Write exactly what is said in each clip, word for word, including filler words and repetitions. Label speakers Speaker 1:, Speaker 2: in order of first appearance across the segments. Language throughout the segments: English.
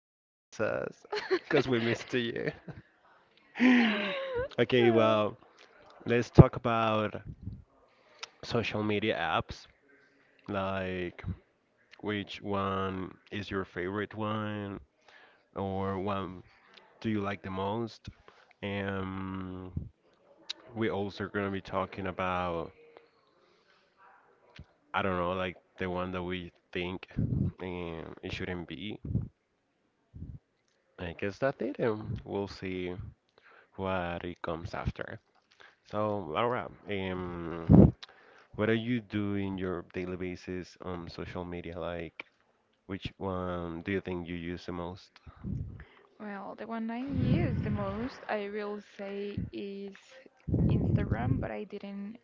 Speaker 1: Did you miss us? Because we missed you. Okay,
Speaker 2: Uh,
Speaker 1: well, let's talk about social media apps. Like, which one is your favorite one, or one do you like the most? And we also gonna be talking about, I don't know, like the one that we think um, it shouldn't be. I guess that's it, and we'll see what it comes after. So, Laura, um, what do you do in your daily basis on social media? Like, which one do you think you use the most?
Speaker 2: well, the one I use the most, I will say, is Instagram, but I didn't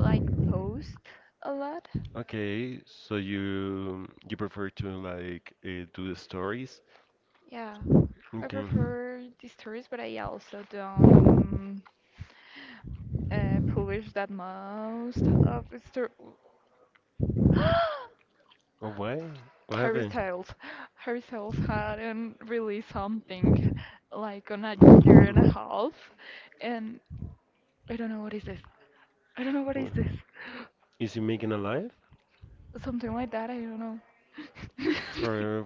Speaker 2: like post a lot.
Speaker 1: Okay, so you you prefer to like uh, do stories?
Speaker 2: Yeah, I
Speaker 1: Okay.
Speaker 2: prefer the stories, but I also don't uh, publish that most of the story.
Speaker 1: Oh, why? What
Speaker 2: Harry
Speaker 1: happened?
Speaker 2: Styles. Harry Styles hadn't released something like on a year and a half, and I don't know what is this. I don't know what is
Speaker 1: What?
Speaker 2: this.
Speaker 1: Is he making a live
Speaker 2: Something like that. I don't know.
Speaker 1: for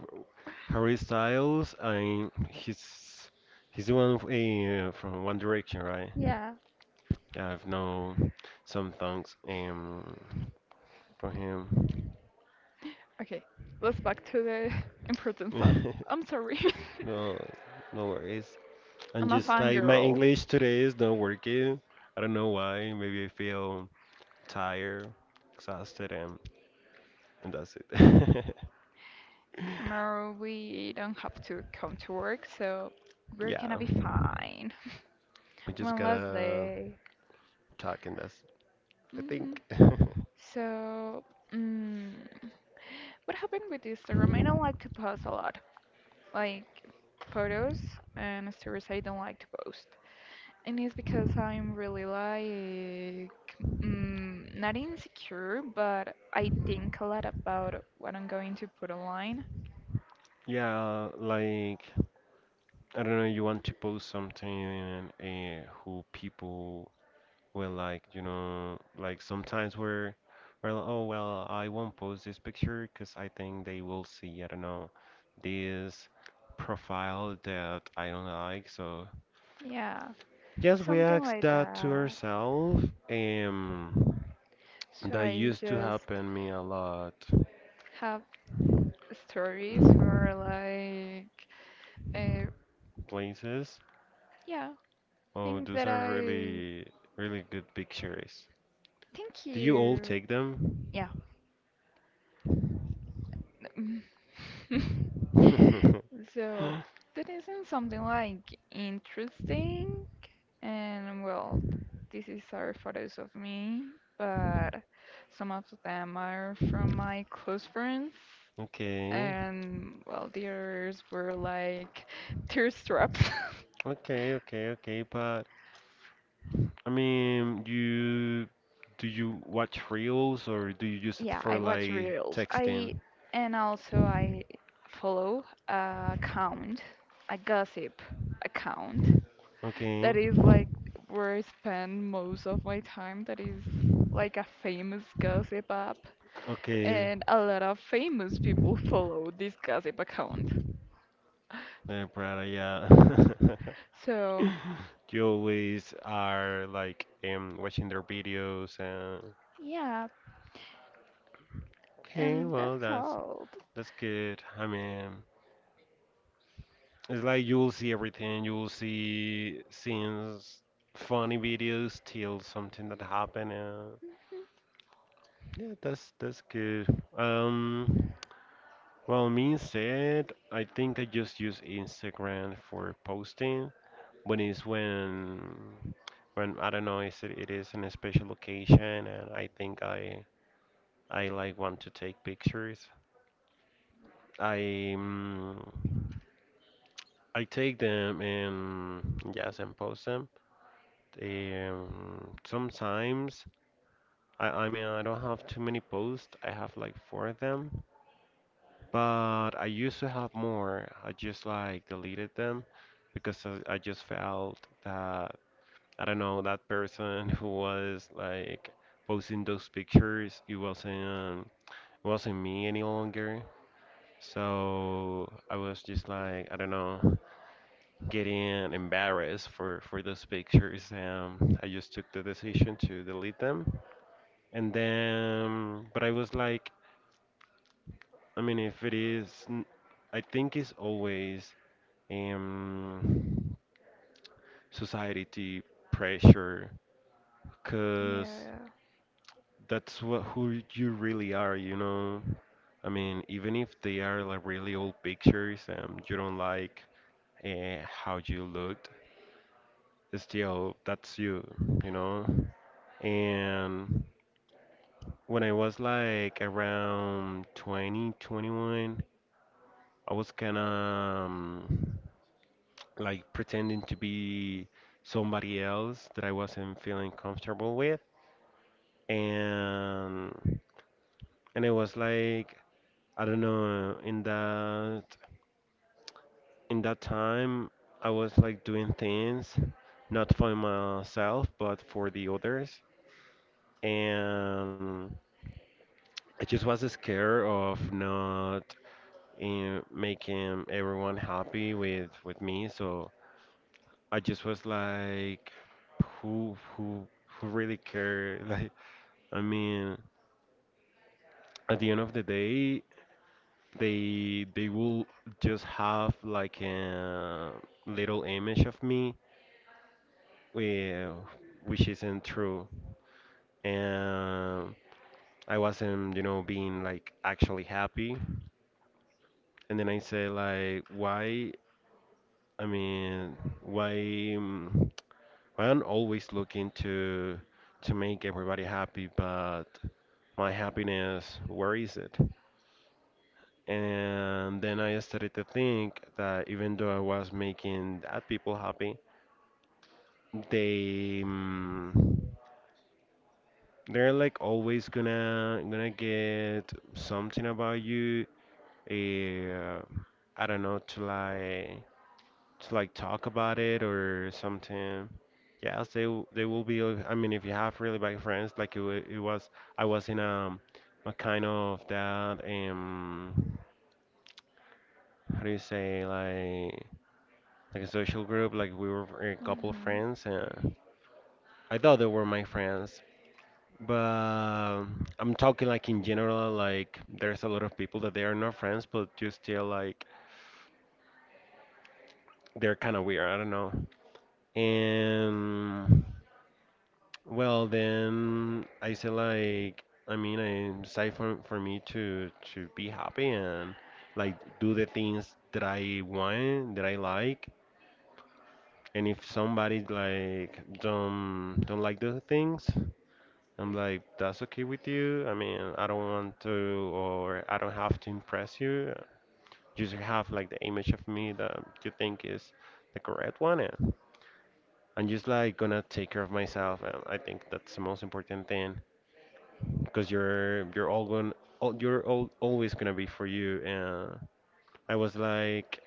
Speaker 1: Harry Styles? I he's he's the one uh, from One Direction, right?
Speaker 2: Yeah.
Speaker 1: I've known some things um for him.
Speaker 2: okay, let's back to the important thought. I'm sorry.
Speaker 1: No, no worries. And
Speaker 2: I'm a
Speaker 1: just like my
Speaker 2: fangirl.
Speaker 1: English today is not working. I don't know why. Maybe I feel tired, exhausted, and and that's it.
Speaker 2: Tomorrow we don't have to come to work, so we're gonna
Speaker 1: Yeah,
Speaker 2: be fine.
Speaker 1: we just
Speaker 2: One last
Speaker 1: gotta
Speaker 2: day.
Speaker 1: talk, and that's I
Speaker 2: hmm
Speaker 1: think.
Speaker 2: So, mm, what happened with Instagram? I don't like to post a lot, like photos and stories I don't like to post. And it's because I'm really like mm, not insecure, but I think a lot about what I'm going to put online.
Speaker 1: Yeah, like I don't know. You want to post something, and eh, who people Well, like, you know, like sometimes we're, we're like, oh, well, I won't post this picture because I think they will see, I don't know, this profile that I don't like. So,
Speaker 2: Yeah,
Speaker 1: yes, we
Speaker 2: something
Speaker 1: ask
Speaker 2: like
Speaker 1: that to
Speaker 2: that.
Speaker 1: ourselves. Um,
Speaker 2: So
Speaker 1: that
Speaker 2: I
Speaker 1: used to
Speaker 2: just
Speaker 1: happen me a lot
Speaker 2: have stories for like uh,
Speaker 1: places.
Speaker 2: yeah,
Speaker 1: Oh,
Speaker 2: things
Speaker 1: those
Speaker 2: that
Speaker 1: are
Speaker 2: I
Speaker 1: really, really good pictures.
Speaker 2: thank
Speaker 1: Do you all
Speaker 2: you.
Speaker 1: take them?
Speaker 2: Yeah. Mm. So that isn't something like interesting. And well, this is are photos of me, but some of them are from my close friends.
Speaker 1: Okay.
Speaker 2: And well, the others were like tearstraps.
Speaker 1: Okay, okay, okay, but I mean, you do you watch reels or do you use it
Speaker 2: Yeah,
Speaker 1: for
Speaker 2: I watch
Speaker 1: like
Speaker 2: reels. I
Speaker 1: texting?
Speaker 2: and also I follow a account, a gossip account
Speaker 1: Okay,
Speaker 2: that is like where I spend most of my time. That is like a famous gossip app,
Speaker 1: okay,
Speaker 2: and a lot of famous people follow this gossip account.
Speaker 1: uh, Prada, yeah.
Speaker 2: So,
Speaker 1: You always are like um watching their videos and
Speaker 2: yeah,
Speaker 1: okay,
Speaker 2: and
Speaker 1: well
Speaker 2: that's
Speaker 1: that's
Speaker 2: all.
Speaker 1: that's good. I mean, it's like you will see everything. You will see scenes, funny videos till something that happened. Uh,
Speaker 2: Mhm.
Speaker 1: yeah, that's that's good. Um, Well, me instead, I think I just use Instagram for posting. When it's when when I don't know, is it, it is in a special occasion, and I think I I like want to take pictures. I mm, I take them and yes, and post them. Um, sometimes I I mean I don't have too many posts. I have like four of them. But I used to have more. I just like deleted them because I, I just felt that I don't know that person who was like posting those pictures. It wasn't it wasn't me any longer. So I was just like I don't know getting embarrassed for for those pictures. Um, I just took the decision to delete them. And then, but I was like, I mean, if it is, n- I think it's always um, society pressure, because
Speaker 2: Yeah.
Speaker 1: that's what who you really are, you know. I mean, even if they are like really old pictures and you don't like uh, how you looked, still that's you, you know. And when I was like around twenty, twenty-one, I was kind of um, like pretending to be somebody else that I wasn't feeling comfortable with. and and it was like I don't know in that in that time I was like doing things not for myself but for the others and I just was scared of not uh, making everyone happy with with me so I just was like who who who really care like I mean at the end of the day they they will just have like a little image of me eh, which isn't true and I wasn't you know being like actually happy and then I say like why I mean why mm, why I'm always looking to to make everybody happy but my happiness where is it and then I started to think that even though I was making that people happy they mm, they're like always gonna gonna get something about you uh, I don't know to like to like talk about it or something yes they w- they will be uh, I mean if you have really bad friends like it, wa- it was I was in um a kind of that um how do you say like like a social group like we were a couple of
Speaker 2: Mhm.
Speaker 1: friends and I thought they were my friends. But I'm talking like in general, like there's a lot of people that they are not friends, but you still like they're kind of weird. I don't know. And well, then I say like I mean, I say for for me to to be happy and like do the things that I want, that I like. And if somebody like don't don't like those things, I'm like, that's okay with you. I mean, I don't want to or I don't have to impress you. Just have like the image of me that you think is the correct one and I'm just like gonna take care of myself and I think that's the most important thing because you're you're all going all, you're all, always gonna be for you and I was like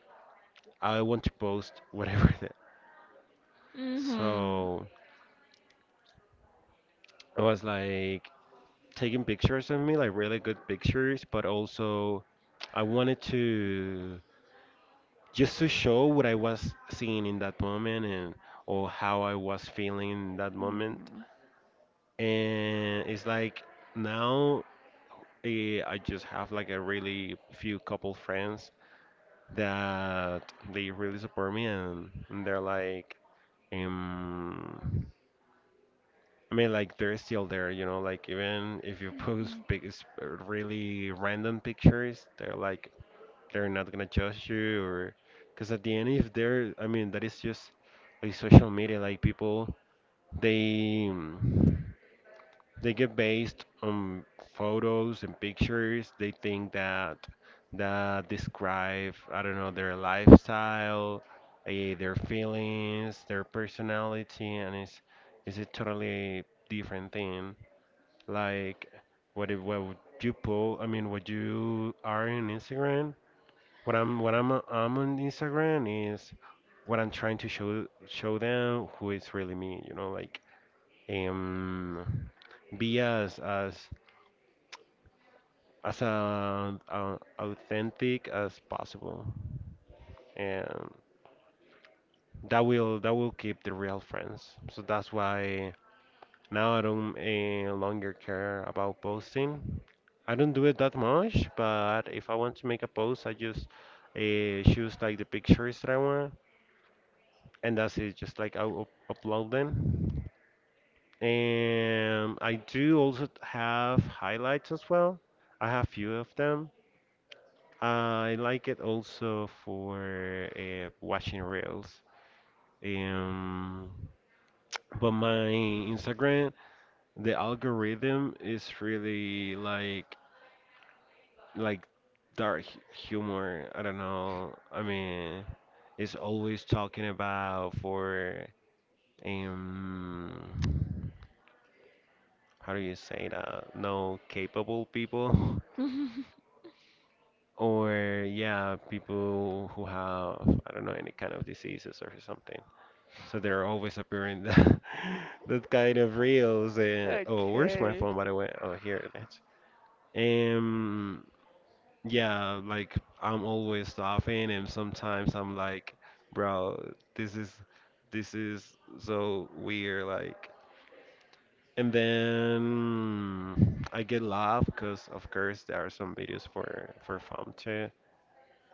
Speaker 1: I want to post whatever that so I was like taking pictures of me like really good pictures but also I wanted to just to show what I was seeing in that moment and or how I was feeling in that moment.
Speaker 2: Mhm.
Speaker 1: And it's like now eh, I just have like a really few couple friends that they really support me and, and they're like um I mean like they're still there, you know, like even if you post
Speaker 2: Mhm.
Speaker 1: big really random pictures, they're like. They're not gonna judge you, or because at the end, if they're, I mean, that is just like social media. Like people, they mm, they get based on photos and pictures. They think that that describe, I don't know, their lifestyle, eh, their feelings, their personality, and it's it's a totally different thing. Like what if what would you post? I mean, what you are on Instagram what I'm what I'm uh, I'm on Instagram is what I'm trying to show show them who is really me. You know, like um, be as as as uh, uh, authentic as possible, and that will that will keep the real friends. So that's why now I don't uh, longer care about posting. I don't do it that much, but if I want to make a post, I just uh, choose like the pictures that I want, and that's it. Just like I'll upload them, and I do also have highlights as well. I have few of them. I like it also for uh, watching reels. Um, but my Instagram, the algorithm is really like like dark hu- humor. I don't know. I mean, it's always talking about for um how do you say that? No capable people.
Speaker 2: Mhm.
Speaker 1: or yeah, people who have I don't know any kind of diseases or something. So they're always appearing that that kind of reels. And oh, where's my
Speaker 2: Okay.
Speaker 1: phone by the way? Oh, here it is. Um, yeah, like I'm always laughing, and sometimes I'm like, bro, this is this is so weird, like. And then I get laugh because of course there are some videos for for fun too,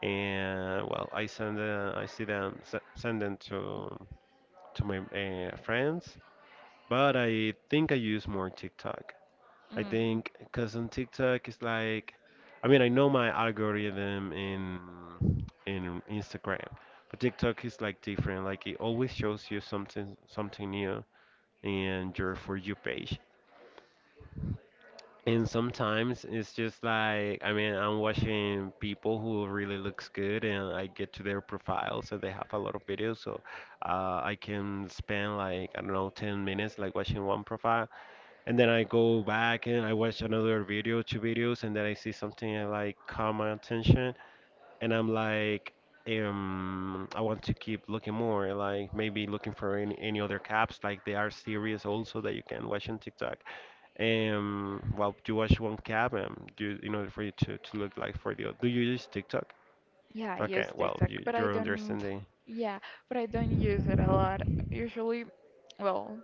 Speaker 1: and well, I send uh, I see them s- send them to to my uh, friends, but I think I use more TikTok. I
Speaker 2: Mm.
Speaker 1: think because on TikTok it's like, I mean I know my algorithm in in Instagram, but TikTok is like different. Like it always shows you something something new in your for you page. And sometimes it's just like, I mean, I'm watching people who really looks good and I get to their profiles and they have a lot of videos. So uh, I can spend like, I don't know, ten minutes like watching one profile. And then I go back and I watch another video, two videos, and then I see something that like caught my attention and I'm like, um, I want to keep looking more, like maybe looking for any, any other caps, like they are series also that you can watch on TikTok. Um, well, you watch one cap, um, you, in order for you to, to look like for the other. Do you use TikTok?
Speaker 2: Yeah, I
Speaker 1: Okay,
Speaker 2: use
Speaker 1: well,
Speaker 2: TikTok,
Speaker 1: you,
Speaker 2: but I
Speaker 1: you're
Speaker 2: don't.
Speaker 1: understanding.
Speaker 2: Yeah, but I don't use it a lot. Usually, well,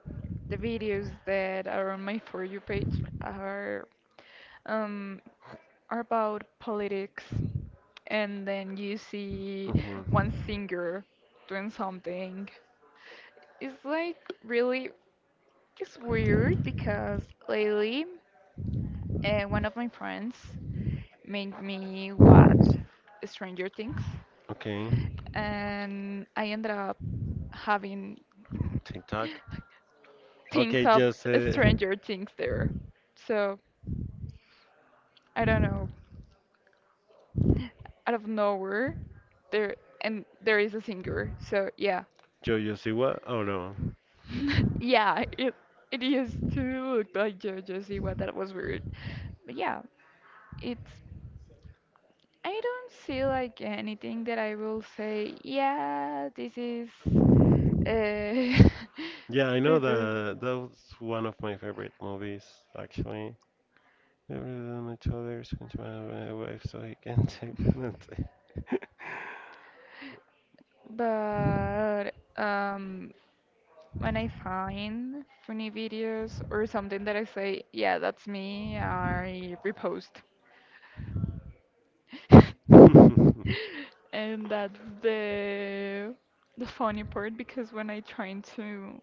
Speaker 2: the videos that are on my For You page are um are about politics, and then you see
Speaker 1: Okay,
Speaker 2: one singer doing something. It's like really, it's weird because lately, uh, one of my friends made me watch Stranger Things,
Speaker 1: okay,
Speaker 2: and I ended up having
Speaker 1: TikTok.
Speaker 2: thinks
Speaker 1: Okay,
Speaker 2: of
Speaker 1: just uh,
Speaker 2: Stranger Things there. So I don't know. Out of nowhere, there and there is a singer. So yeah,
Speaker 1: Joe you see what? Oh no.
Speaker 2: yeah. It it used to look like JoJo Siwa. That was weird. But yeah, it's. I don't see like anything that I will say. Yeah, this is. Uh,
Speaker 1: Yeah, I know
Speaker 2: this is.
Speaker 1: that that was one of my favorite movies actually. They were on each other, screaming my wife so he can take penalty.
Speaker 2: But um, when I find funny videos or something that I say, yeah, that's me, I repost. And that's the the funny part because when I trying to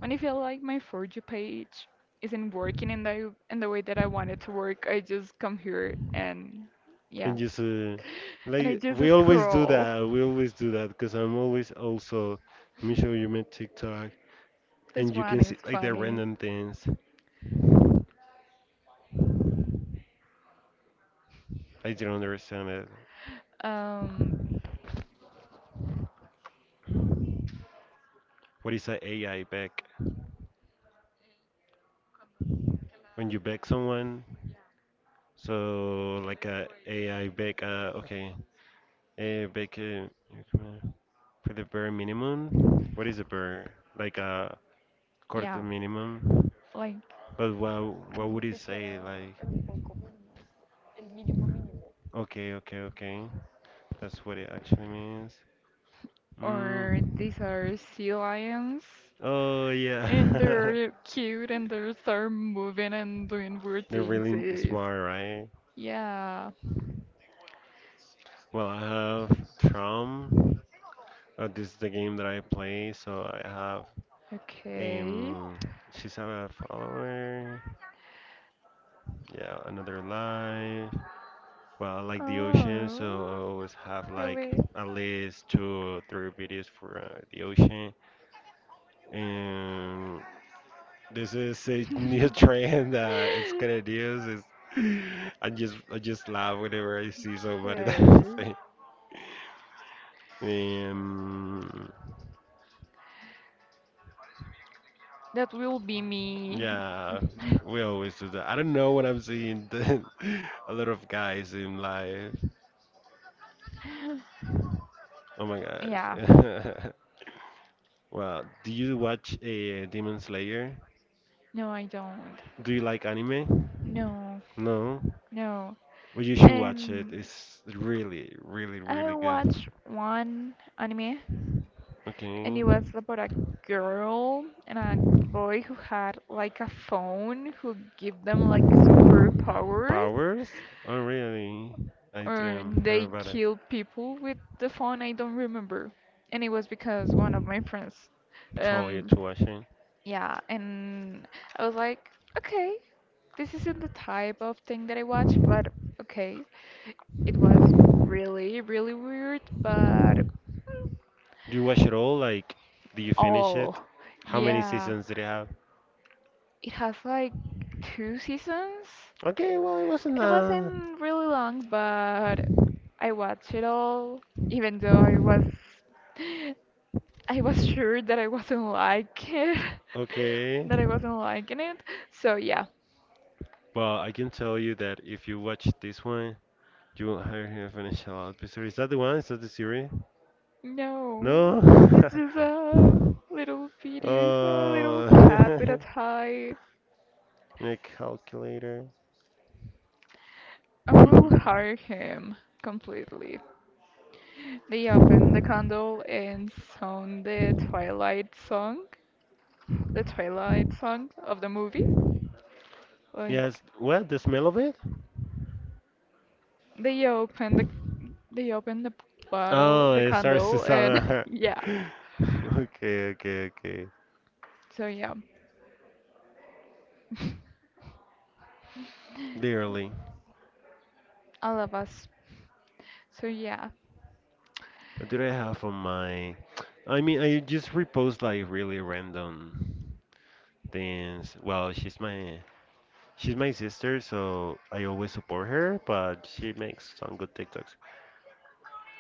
Speaker 2: when I feel like my For You page isn't working in the in the way that I want it to work, I just come here and yeah.
Speaker 1: and just uh,
Speaker 2: And I
Speaker 1: like we
Speaker 2: just
Speaker 1: always do
Speaker 2: scroll.
Speaker 1: that, we always do that because I'm always also. Let me show you my TikTok,
Speaker 2: This
Speaker 1: and you
Speaker 2: one
Speaker 1: can
Speaker 2: is
Speaker 1: see like the
Speaker 2: funny.
Speaker 1: random things. I don't understand it.
Speaker 2: Um,
Speaker 1: What is a AI back? When you back someone so like a AI back. Uh, okay. A I back, uh, for the bare minimum. What is a bare like a quarter
Speaker 2: yeah,
Speaker 1: minimum.
Speaker 2: like
Speaker 1: But what what would it say? Like, okay, okay, okay. That's what it actually means.
Speaker 2: Or
Speaker 1: Mm.
Speaker 2: these are sea lions,
Speaker 1: Oh
Speaker 2: and
Speaker 1: yeah.
Speaker 2: they're cute and they start moving and doing weird
Speaker 1: They're
Speaker 2: things.
Speaker 1: really
Speaker 2: Is
Speaker 1: smart, right?
Speaker 2: yeah,
Speaker 1: Well, I have Tron. Uh, this is the game that I play, so I have
Speaker 2: okay.
Speaker 1: um. She's a follower. Yeah, another life. Well, I like the ocean, so
Speaker 2: Oh,
Speaker 1: I always have like
Speaker 2: really?
Speaker 1: at least two or three videos for uh, the ocean. And this is a new trend that it's gonna use. Is I just I just laugh whenever I see somebody that
Speaker 2: Okay,
Speaker 1: say. Um,
Speaker 2: that will be me.
Speaker 1: yeah, we always do that. I don't know what I'm seeing. A lot of guys in life. Oh my
Speaker 2: Yeah,
Speaker 1: gosh. Well, do you watch a Demon Slayer?
Speaker 2: no, I don't.
Speaker 1: Do you like anime?
Speaker 2: No.
Speaker 1: No.
Speaker 2: No.
Speaker 1: Well, you should watch it.
Speaker 2: And
Speaker 1: It's really, really,
Speaker 2: I
Speaker 1: really good.
Speaker 2: watched one anime, and
Speaker 1: Okay.
Speaker 2: it was about a girl and a boy who had like a phone who give them like superpowers,
Speaker 1: Powers? Oh, really? I
Speaker 2: or
Speaker 1: didn't hear
Speaker 2: they
Speaker 1: about it.
Speaker 2: kill people with the phone. I don't remember, and it was because one of my friends.
Speaker 1: Totally
Speaker 2: Um,
Speaker 1: to watching.
Speaker 2: yeah, and I was like, okay, this isn't the type of thing that I watch, but okay, it was really, really weird, but
Speaker 1: Do you watch it all? Like, do you finish
Speaker 2: all.
Speaker 1: it? How many
Speaker 2: Yeah.
Speaker 1: seasons did it have?
Speaker 2: It has like two seasons.
Speaker 1: Okay, well, it wasn't
Speaker 2: It
Speaker 1: uh
Speaker 2: wasn't really long, but I watched it all, even though I was I was sure that I wasn't like it,
Speaker 1: okay.
Speaker 2: that I wasn't liking it. So yeah,
Speaker 1: Well, I can tell you that if you watch this one, you won't hire him to finish a lot of episodes. Is that the one? Is that the series? No?
Speaker 2: no, it's just a little video, it's a little cat with a
Speaker 1: Oh,
Speaker 2: tie.
Speaker 1: in a calculator.
Speaker 2: I will hire him completely. They open the candle and sound the Twilight song, the Twilight song of the movie. Like
Speaker 1: Yes, what? The smell of it?
Speaker 2: they open the they open the bottle,
Speaker 1: Oh,
Speaker 2: the
Speaker 1: it starts to
Speaker 2: candle, and
Speaker 1: sound.
Speaker 2: yeah.
Speaker 1: Okay, okay, okay.
Speaker 2: So yeah,
Speaker 1: Literally,
Speaker 2: all of us. So yeah,
Speaker 1: what do I have on my? I mean, I just repost like really random things. Well, she's my she's my sister, so I always support her, but she makes some good TikToks.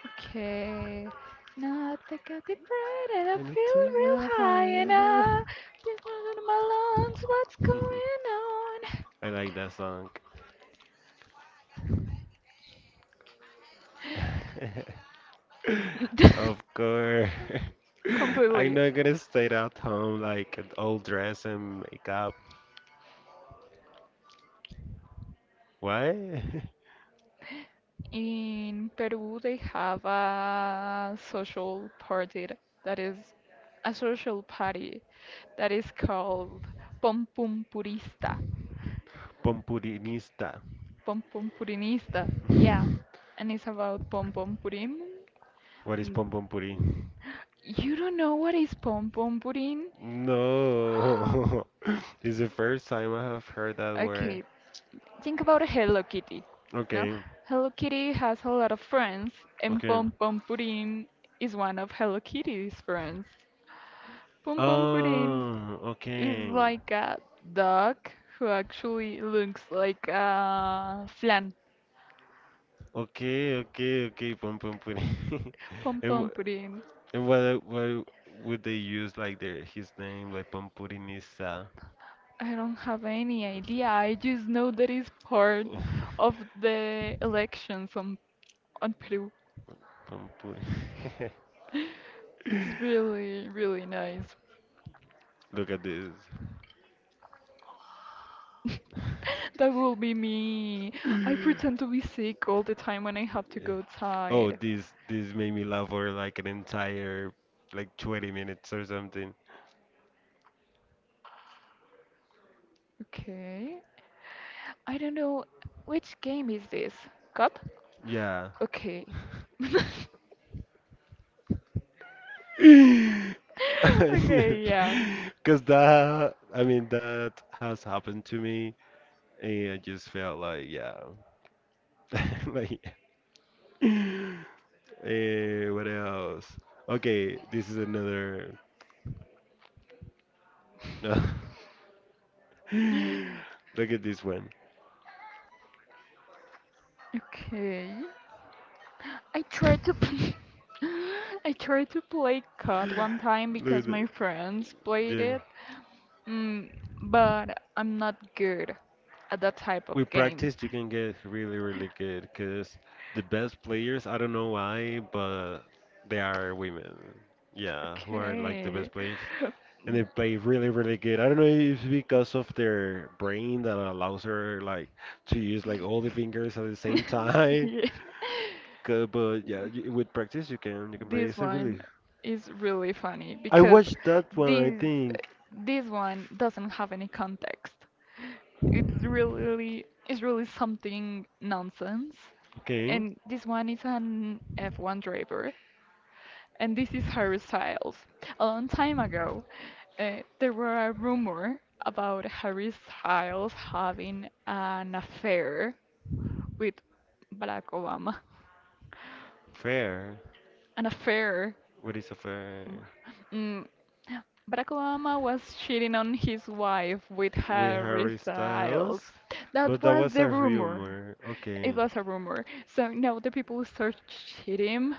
Speaker 2: okay. Now I take a deep and I
Speaker 1: And the
Speaker 2: feel
Speaker 1: two
Speaker 2: real
Speaker 1: real high
Speaker 2: high and I
Speaker 1: and,
Speaker 2: this one in my
Speaker 1: uh, I like that song.
Speaker 2: lungs. What's going on?
Speaker 1: Of course. I'm
Speaker 2: Completely.
Speaker 1: not gonna stay at home like all dress and makeup. Why?
Speaker 2: In Peru, they have a social party th- that is a social party that is called Pom Pum Purista,
Speaker 1: Pompurinista.
Speaker 2: Pom Pum Purinista. Yeah, and it's about Pom Pom Purim.
Speaker 1: What is
Speaker 2: N-
Speaker 1: pompompuri?
Speaker 2: You don't know what is Pom Pom Purim?
Speaker 1: No. It's the first time I have heard that word.
Speaker 2: Okay, think about a Hello Kitty. No?
Speaker 1: Okay.
Speaker 2: Hello Kitty has a lot of friends, and
Speaker 1: Okay.
Speaker 2: Pom Pom Pudding is one of Hello Kitty's friends. Pom Pom Pudding
Speaker 1: Oh,
Speaker 2: is okay.
Speaker 1: okay.
Speaker 2: Like a dog who actually looks like a flan.
Speaker 1: Okay, okay, okay, pompompuri.
Speaker 2: Pom
Speaker 1: And
Speaker 2: Pom Pudding.
Speaker 1: why, why would they use like their his name like Pampurinisa?
Speaker 2: I don't have any idea. I just know that it's part of the elections on, on Peru.
Speaker 1: Pampuri.
Speaker 2: It's really, really nice.
Speaker 1: Look at this.
Speaker 2: That will be me.
Speaker 1: Yeah.
Speaker 2: I pretend to be sick all the time when I have to go
Speaker 1: Oh,
Speaker 2: outside.
Speaker 1: this this made me laugh for like an entire like twenty minutes or something.
Speaker 2: Okay. I don't know which game is this? Cup?
Speaker 1: Yeah.
Speaker 2: Okay.
Speaker 1: Because
Speaker 2: Okay, yeah.
Speaker 1: that, I mean, that has happened to me. And I just felt like, yeah, like, eh, what else? Okay, this is another. Look at this one.
Speaker 2: Okay. I tried to p- I tried to play C O D one time
Speaker 1: Look at
Speaker 2: because
Speaker 1: the,
Speaker 2: my friends played
Speaker 1: yeah.
Speaker 2: it. Mm, but I'm not good at that type of
Speaker 1: We
Speaker 2: games.
Speaker 1: practiced, you can get really, really good because the best players, I don't know why, but they are women. Yeah, who are like the
Speaker 2: Okay.
Speaker 1: best players. And they play really really good. I don't know if it's because of their brain that allows her like to use like all the fingers at the same time.
Speaker 2: Yeah.
Speaker 1: 'Cause- But yeah, you, with practice you can you can play.
Speaker 2: This
Speaker 1: It's a really.
Speaker 2: one is really funny
Speaker 1: I
Speaker 2: because
Speaker 1: watched that one. I
Speaker 2: this
Speaker 1: think.
Speaker 2: this one doesn't have any context. It's really it's really something nonsense.
Speaker 1: Okay.
Speaker 2: And this one is an F one driver, and this is Harry Styles. A long time ago, uh, there were a rumor about Harry Styles having an affair with Barack Obama.
Speaker 1: Fair.
Speaker 2: An affair.
Speaker 1: What is a fair?
Speaker 2: Mm. Barack Obama was cheating on his wife with
Speaker 1: With
Speaker 2: Harry
Speaker 1: Harry Styles,
Speaker 2: Styles.
Speaker 1: but
Speaker 2: That
Speaker 1: that
Speaker 2: was
Speaker 1: was
Speaker 2: the
Speaker 1: a
Speaker 2: rumor.
Speaker 1: rumor.
Speaker 2: It
Speaker 1: Okay.
Speaker 2: was a rumor. So now the people start cheating,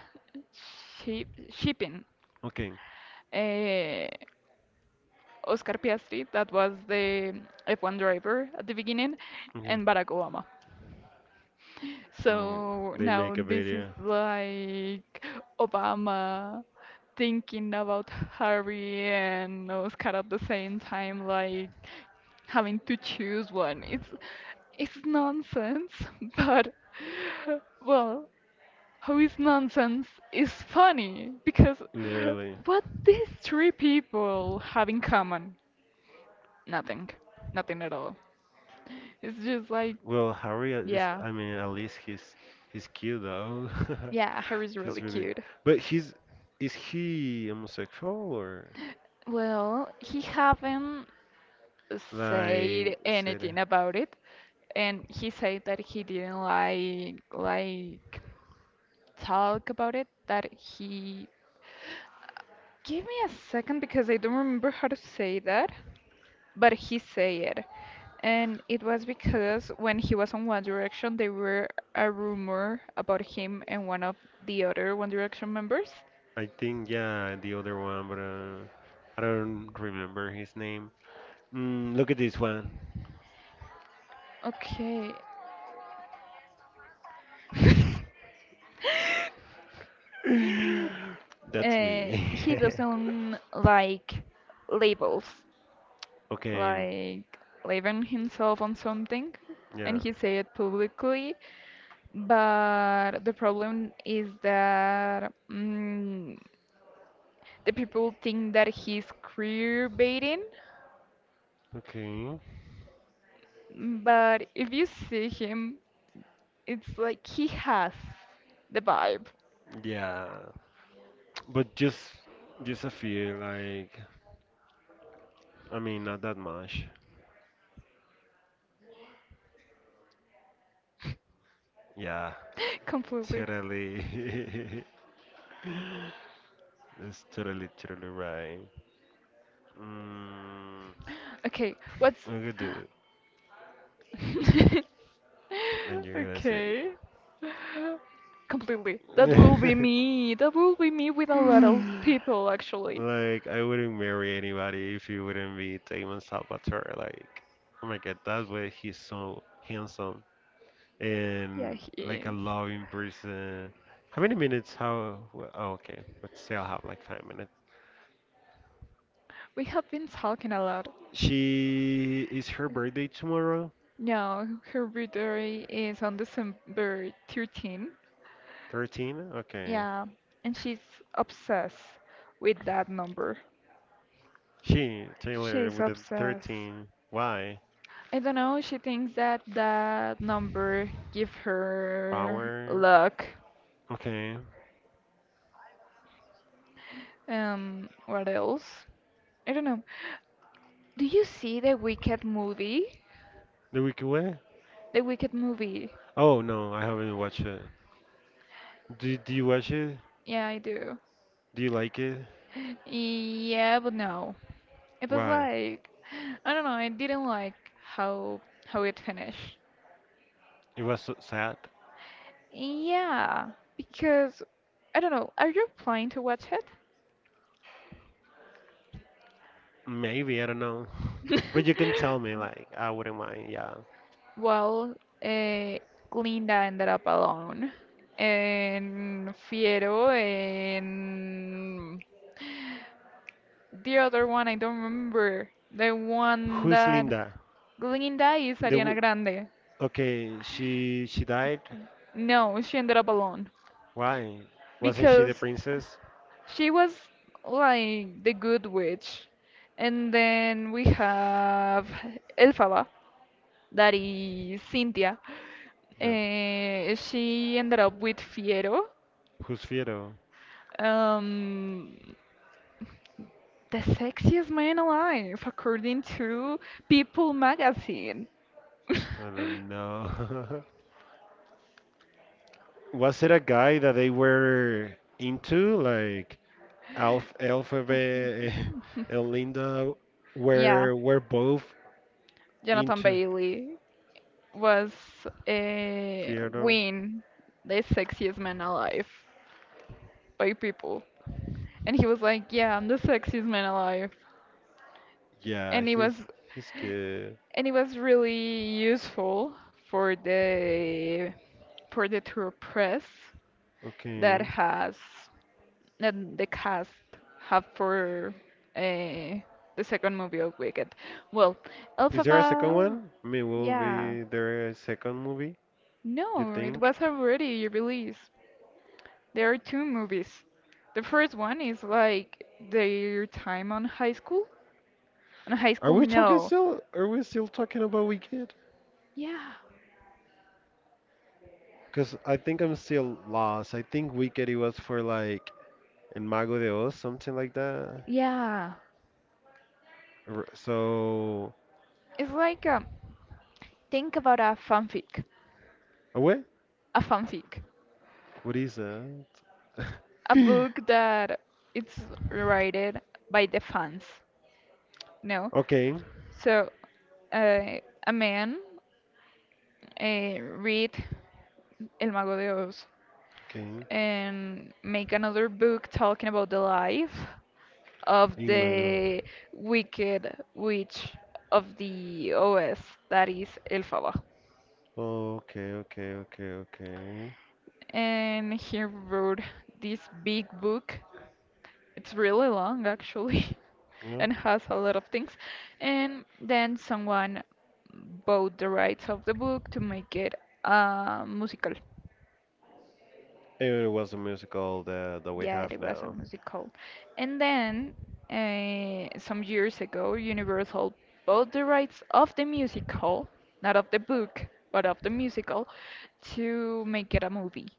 Speaker 2: ship, shipping.
Speaker 1: Okay.
Speaker 2: Uh, Oscar Piastri, that was the F one driver at the beginning,
Speaker 1: Okay.
Speaker 2: and Barack Obama.
Speaker 1: Mm,
Speaker 2: So
Speaker 1: they
Speaker 2: now
Speaker 1: make a
Speaker 2: this is
Speaker 1: video,
Speaker 2: like Obama thinking about Harry and Oscar at the same time, like having to choose one. It's it's nonsense, but well, how is nonsense is funny because
Speaker 1: literally.
Speaker 2: what these three people have in common? Nothing, nothing at all. It's just like,
Speaker 1: Well, Harry at yeah,
Speaker 2: yeah,
Speaker 1: I mean, at least he's he's cute though.
Speaker 2: yeah, Harry's
Speaker 1: He's
Speaker 2: really
Speaker 1: really,
Speaker 2: cute.
Speaker 1: but he's is he homosexual or
Speaker 2: Well, he haven't said
Speaker 1: like said?
Speaker 2: anything about it, and he said that he didn't like like talk about it. That he give me a second because I don't remember how to say that, but he said it, and it was because when he was on One Direction, there were a rumor about him and one of the other One Direction members.
Speaker 1: I think yeah, the other one, but uh, I don't remember his name. Mm, look at this one.
Speaker 2: Okay.
Speaker 1: That's
Speaker 2: Uh,
Speaker 1: me.
Speaker 2: he doesn't like labels,
Speaker 1: Okay,
Speaker 2: like leaving himself on something, and
Speaker 1: yeah.
Speaker 2: he said it publicly, but the problem is that mm, the people think that he's queer baiting,
Speaker 1: Okay,
Speaker 2: but if you see him it's like he has the vibe.
Speaker 1: yeah. But just just a few, like I mean not that much. Yeah,
Speaker 2: Completely.
Speaker 1: totally. That's totally totally right. Mm,
Speaker 2: Okay, what's
Speaker 1: look at dude. Then you're gonna say
Speaker 2: okay, completely, that will be me that will be me with a lot of people actually.
Speaker 1: like I wouldn't marry anybody if he wouldn't be Damon Salvatore. Like oh my god, that way he's so handsome
Speaker 2: Yeah,
Speaker 1: and
Speaker 2: he
Speaker 1: like a
Speaker 2: is.
Speaker 1: loving person. How many minutes? How? Wh- Oh, okay. But still have like five.
Speaker 2: We have been talking a lot.
Speaker 1: She is her birthday tomorrow?
Speaker 2: No, her birthday is on December thirteenth.
Speaker 1: thirteen? Okay.
Speaker 2: Yeah, and she's obsessed with that number.
Speaker 1: She, Taylor,
Speaker 2: She's
Speaker 1: with the
Speaker 2: obsessed.
Speaker 1: thirteen. Why?
Speaker 2: I don't know, she thinks that that number give her
Speaker 1: Power.
Speaker 2: luck.
Speaker 1: Okay.
Speaker 2: Um, what else? I don't know. Do you see the Wicked movie?
Speaker 1: The Wicked Way?
Speaker 2: The Wicked movie.
Speaker 1: Oh no, I haven't watched it. Do, do you watch it?
Speaker 2: Yeah, I do.
Speaker 1: Do you like it?
Speaker 2: Yeah, but no. It was
Speaker 1: Why?
Speaker 2: like I don't know, I didn't like how how it finished.
Speaker 1: It was so sad?
Speaker 2: Yeah, because I don't know, are you planning to watch it?
Speaker 1: Maybe, I don't know. But you can tell me, like, I wouldn't mind, yeah.
Speaker 2: Well, eh, Glinda ended up alone, and Fiero, and the other one I don't remember. The one
Speaker 1: Who's
Speaker 2: that
Speaker 1: Linda?
Speaker 2: Glinda is
Speaker 1: The w
Speaker 2: Ariana Grande.
Speaker 1: okay, she she died?
Speaker 2: No, she ended up alone
Speaker 1: Why? Wasn't she the
Speaker 2: because
Speaker 1: princess?
Speaker 2: she was like the good witch. And then we have Elphaba, that is Cynthia.
Speaker 1: Yeah.
Speaker 2: Eh, she ended up with Fiero,
Speaker 1: Who's Fiero?
Speaker 2: um, the sexiest man alive, according to People magazine.
Speaker 1: I don't know. Was it a guy that they were into, like Alf, Elphaba and Linda
Speaker 2: Yeah,
Speaker 1: were were both
Speaker 2: Jonathan
Speaker 1: into
Speaker 2: Bailey was a
Speaker 1: Fiero?
Speaker 2: win, the sexiest man alive by People. And he was like, yeah, I'm the sexiest man alive.
Speaker 1: Yeah,
Speaker 2: and it was
Speaker 1: he's he's good.
Speaker 2: and it was really useful for the for the tour press that
Speaker 1: Okay.
Speaker 2: has that the cast have for uh, the second movie of Wicked. Well,
Speaker 1: Is there a second
Speaker 2: Elphaba,
Speaker 1: one? I mean, will
Speaker 2: yeah,
Speaker 1: be there a second movie, you
Speaker 2: no, it
Speaker 1: think?
Speaker 2: was already released. There are two movies. The first one is like their time on high school. On high
Speaker 1: Are
Speaker 2: school,
Speaker 1: we talking
Speaker 2: no.
Speaker 1: still? Are we still talking about Wicked?
Speaker 2: Yeah,
Speaker 1: Because I think I'm still lost. I think Wicked it was for like El Mago de Oz, something like that.
Speaker 2: yeah.
Speaker 1: R- So,
Speaker 2: It's like um, think about a fanfic,
Speaker 1: oh, wait,
Speaker 2: a fanfic,
Speaker 1: what is that?
Speaker 2: a book that it's written by the fans. No,
Speaker 1: Okay,
Speaker 2: so uh, a man uh, read El Mago de Oz
Speaker 1: okay.
Speaker 2: and make another book talking about the life of
Speaker 1: El Mago.
Speaker 2: the wicked witch of the Oz, that is Elphaba.
Speaker 1: Okay, okay, okay, okay.
Speaker 2: And he wrote this big book. It's really long actually
Speaker 1: Yeah.
Speaker 2: and has a lot of things. And then someone bought the rights of the book to make it a musical.
Speaker 1: And it was a musical that, that we
Speaker 2: Yeah,
Speaker 1: have
Speaker 2: it was a
Speaker 1: now.
Speaker 2: musical. And then uh, some years ago, Universal bought the rights of the musical, not of the book, but of the musical, to make it a movie.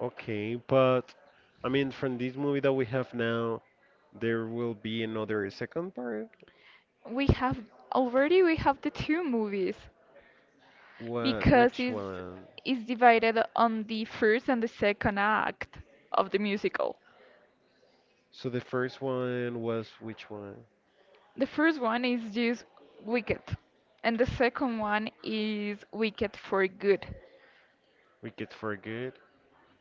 Speaker 1: Okay, but I mean, from this movie that we have now, there will be another second part?
Speaker 2: We have already we have the two movies
Speaker 1: What,
Speaker 2: because
Speaker 1: which
Speaker 2: it's,
Speaker 1: one?
Speaker 2: it's divided on the first and the second act of the musical.
Speaker 1: So the first one was which one?
Speaker 2: The first one is just Wicked, and the second one is Wicked for Good.
Speaker 1: Wicked for Good.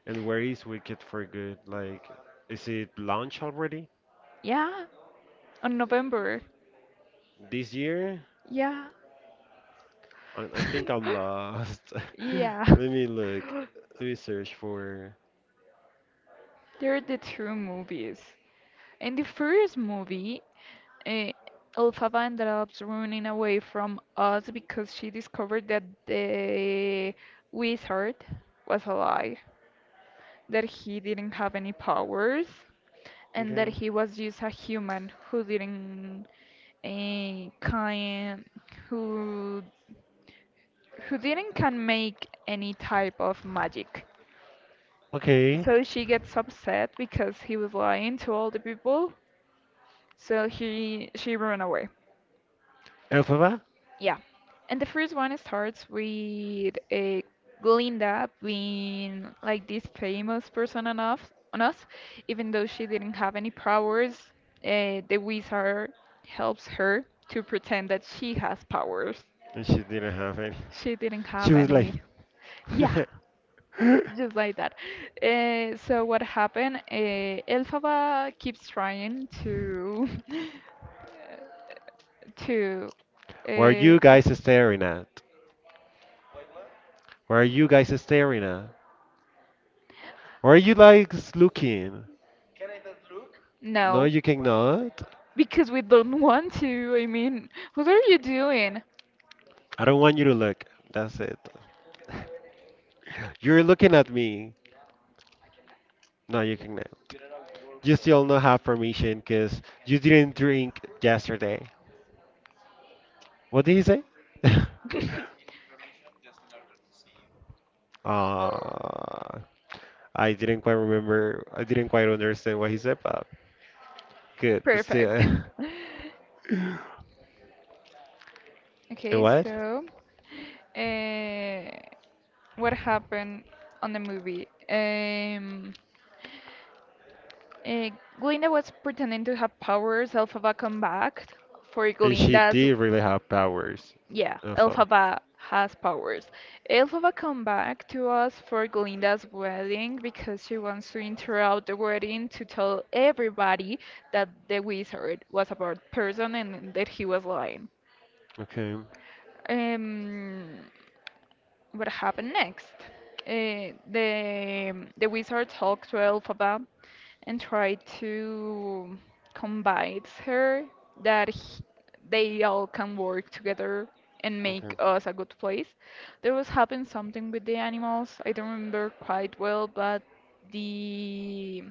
Speaker 1: And where is Wicked for Good? Like, is it launched already
Speaker 2: Yeah, on November.
Speaker 1: this year?
Speaker 2: Yeah.
Speaker 1: I, I think I'm lost.
Speaker 2: Yeah.
Speaker 1: Let me look. Let me search for.
Speaker 2: They're the two movies. In the first movie, uh, Elphaba ended up running away from us because she discovered that the wizard was alive, that he didn't have any powers and
Speaker 1: Okay.
Speaker 2: that he was just a human who didn't eh, kind who who didn't can make any type of magic.
Speaker 1: Okay.
Speaker 2: So she gets upset because he was lying to all the people. So he she ran away.
Speaker 1: Elphaba?
Speaker 2: Yeah. And the first one starts with uh, Glinda being like this famous person on us, on us, even though she didn't have any powers. Uh, the wizard helps her to pretend that she has powers.
Speaker 1: And she didn't have any.
Speaker 2: She didn't
Speaker 1: She
Speaker 2: have
Speaker 1: was like,
Speaker 2: any. Yeah, just like that. Uh, so what happened? Uh, Elphaba keeps trying to to
Speaker 1: "What are you
Speaker 2: uh,
Speaker 1: guys staring at? What are you guys staring at? What are you like looking?" No,
Speaker 2: no.
Speaker 1: you cannot.
Speaker 2: Because we don't want to. I mean, what are you doing?
Speaker 1: I don't want you to look. That's it. You're looking at me. No, you cannot. You still not have permission because you didn't drink yesterday. What did he say? Uh, I didn't quite remember. I didn't quite understand what he said, but good. But
Speaker 2: Perfect.
Speaker 1: still, and
Speaker 2: Okay,
Speaker 1: what?
Speaker 2: so uh, what happened on the movie? Um, uh, Glinda was pretending to have powers. Elphaba come back for
Speaker 1: And she
Speaker 2: Glinda's.
Speaker 1: did really have powers.
Speaker 2: Yeah,
Speaker 1: Alpha.
Speaker 2: Elphaba has powers. Elphaba come back to us for Glinda's wedding because she wants to interrupt the wedding to tell everybody that the wizard was a bad person and that he was lying.
Speaker 1: Okay.
Speaker 2: Um, what happened next? Uh, the the wizard talked to Elphaba and tried to convince her that he- they all can work together and
Speaker 1: Okay.
Speaker 2: make us a good place. There was happened something with the animals. I don't remember quite well, but the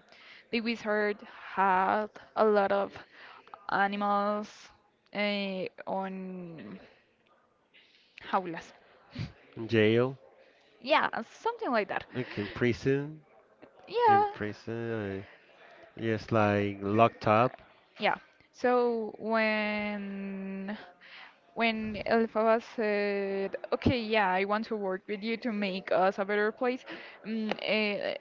Speaker 2: the wizard had a lot of animals uh, on jaulas.
Speaker 1: In jail.
Speaker 2: Yeah, something like that.
Speaker 1: Like in prison, in
Speaker 2: Yeah,
Speaker 1: prison, uh, yes, like locked up.
Speaker 2: yeah. So when when Elphaba said, "Okay, yeah, I want to work with you to make us a better place," mm, eh,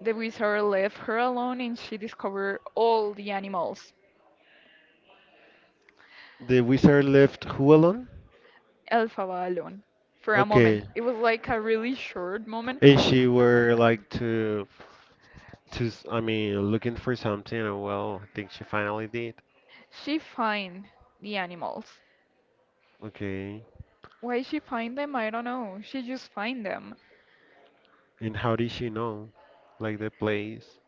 Speaker 2: the wizard left her alone, and she discovered all the animals.
Speaker 1: The wizard left who alone?
Speaker 2: Elphaba alone for a
Speaker 1: Okay,
Speaker 2: moment. It was like a really short moment.
Speaker 1: and she were like to to s- I mean looking for something, and well, I think she finally did.
Speaker 2: She find the animals.
Speaker 1: Okay,
Speaker 2: Why she find them, I don't know. She just find them.
Speaker 1: and how did she know? Like the place.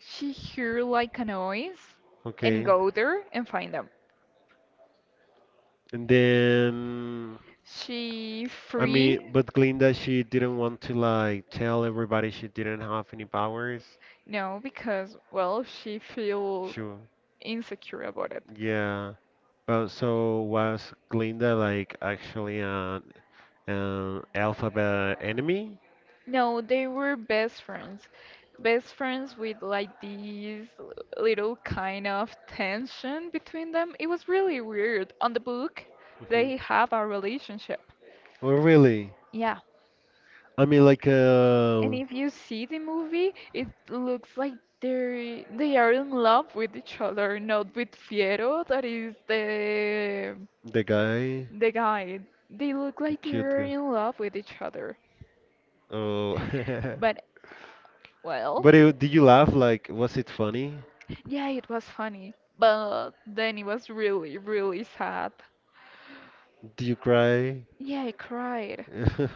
Speaker 2: She hear like a noise and
Speaker 1: Okay,
Speaker 2: go there and find them.
Speaker 1: and then
Speaker 2: She
Speaker 1: I mean,
Speaker 2: free.
Speaker 1: but Glinda she didn't want to like tell everybody she didn't have any powers.
Speaker 2: No, because well, she feel
Speaker 1: She
Speaker 2: insecure about it.
Speaker 1: Yeah, but so was Glinda like actually an an alphabet enemy?
Speaker 2: No, they were best friends. Best friends with like these l- little kind of tension between them. It was really weird. On the book,
Speaker 1: Hmm.
Speaker 2: they have a relationship.
Speaker 1: Oh, really?
Speaker 2: Yeah.
Speaker 1: I mean, like,
Speaker 2: And
Speaker 1: uh,
Speaker 2: if you see the movie, it looks like they they are in love with each other, not with Fiero, that is the
Speaker 1: the guy,
Speaker 2: the guy. They look
Speaker 1: the
Speaker 2: like
Speaker 1: cute
Speaker 2: they're
Speaker 1: guy.
Speaker 2: in love with each other.
Speaker 1: Oh,
Speaker 2: But well,
Speaker 1: but it, did you laugh? Like, was it funny?
Speaker 2: yeah, it was funny. But then it was really, really sad.
Speaker 1: Did you cry?
Speaker 2: Yeah, I cried.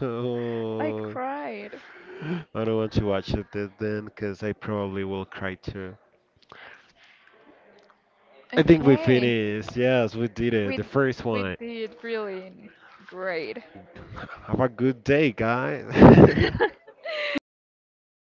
Speaker 2: I
Speaker 1: Oh,
Speaker 2: cried.
Speaker 1: I don't want to watch it th- then because I probably will cry too. I think we
Speaker 2: Okay.
Speaker 1: finished. Yes, we did it.
Speaker 2: We
Speaker 1: The first
Speaker 2: we
Speaker 1: one.
Speaker 2: did really great.
Speaker 1: Have a good day, guys.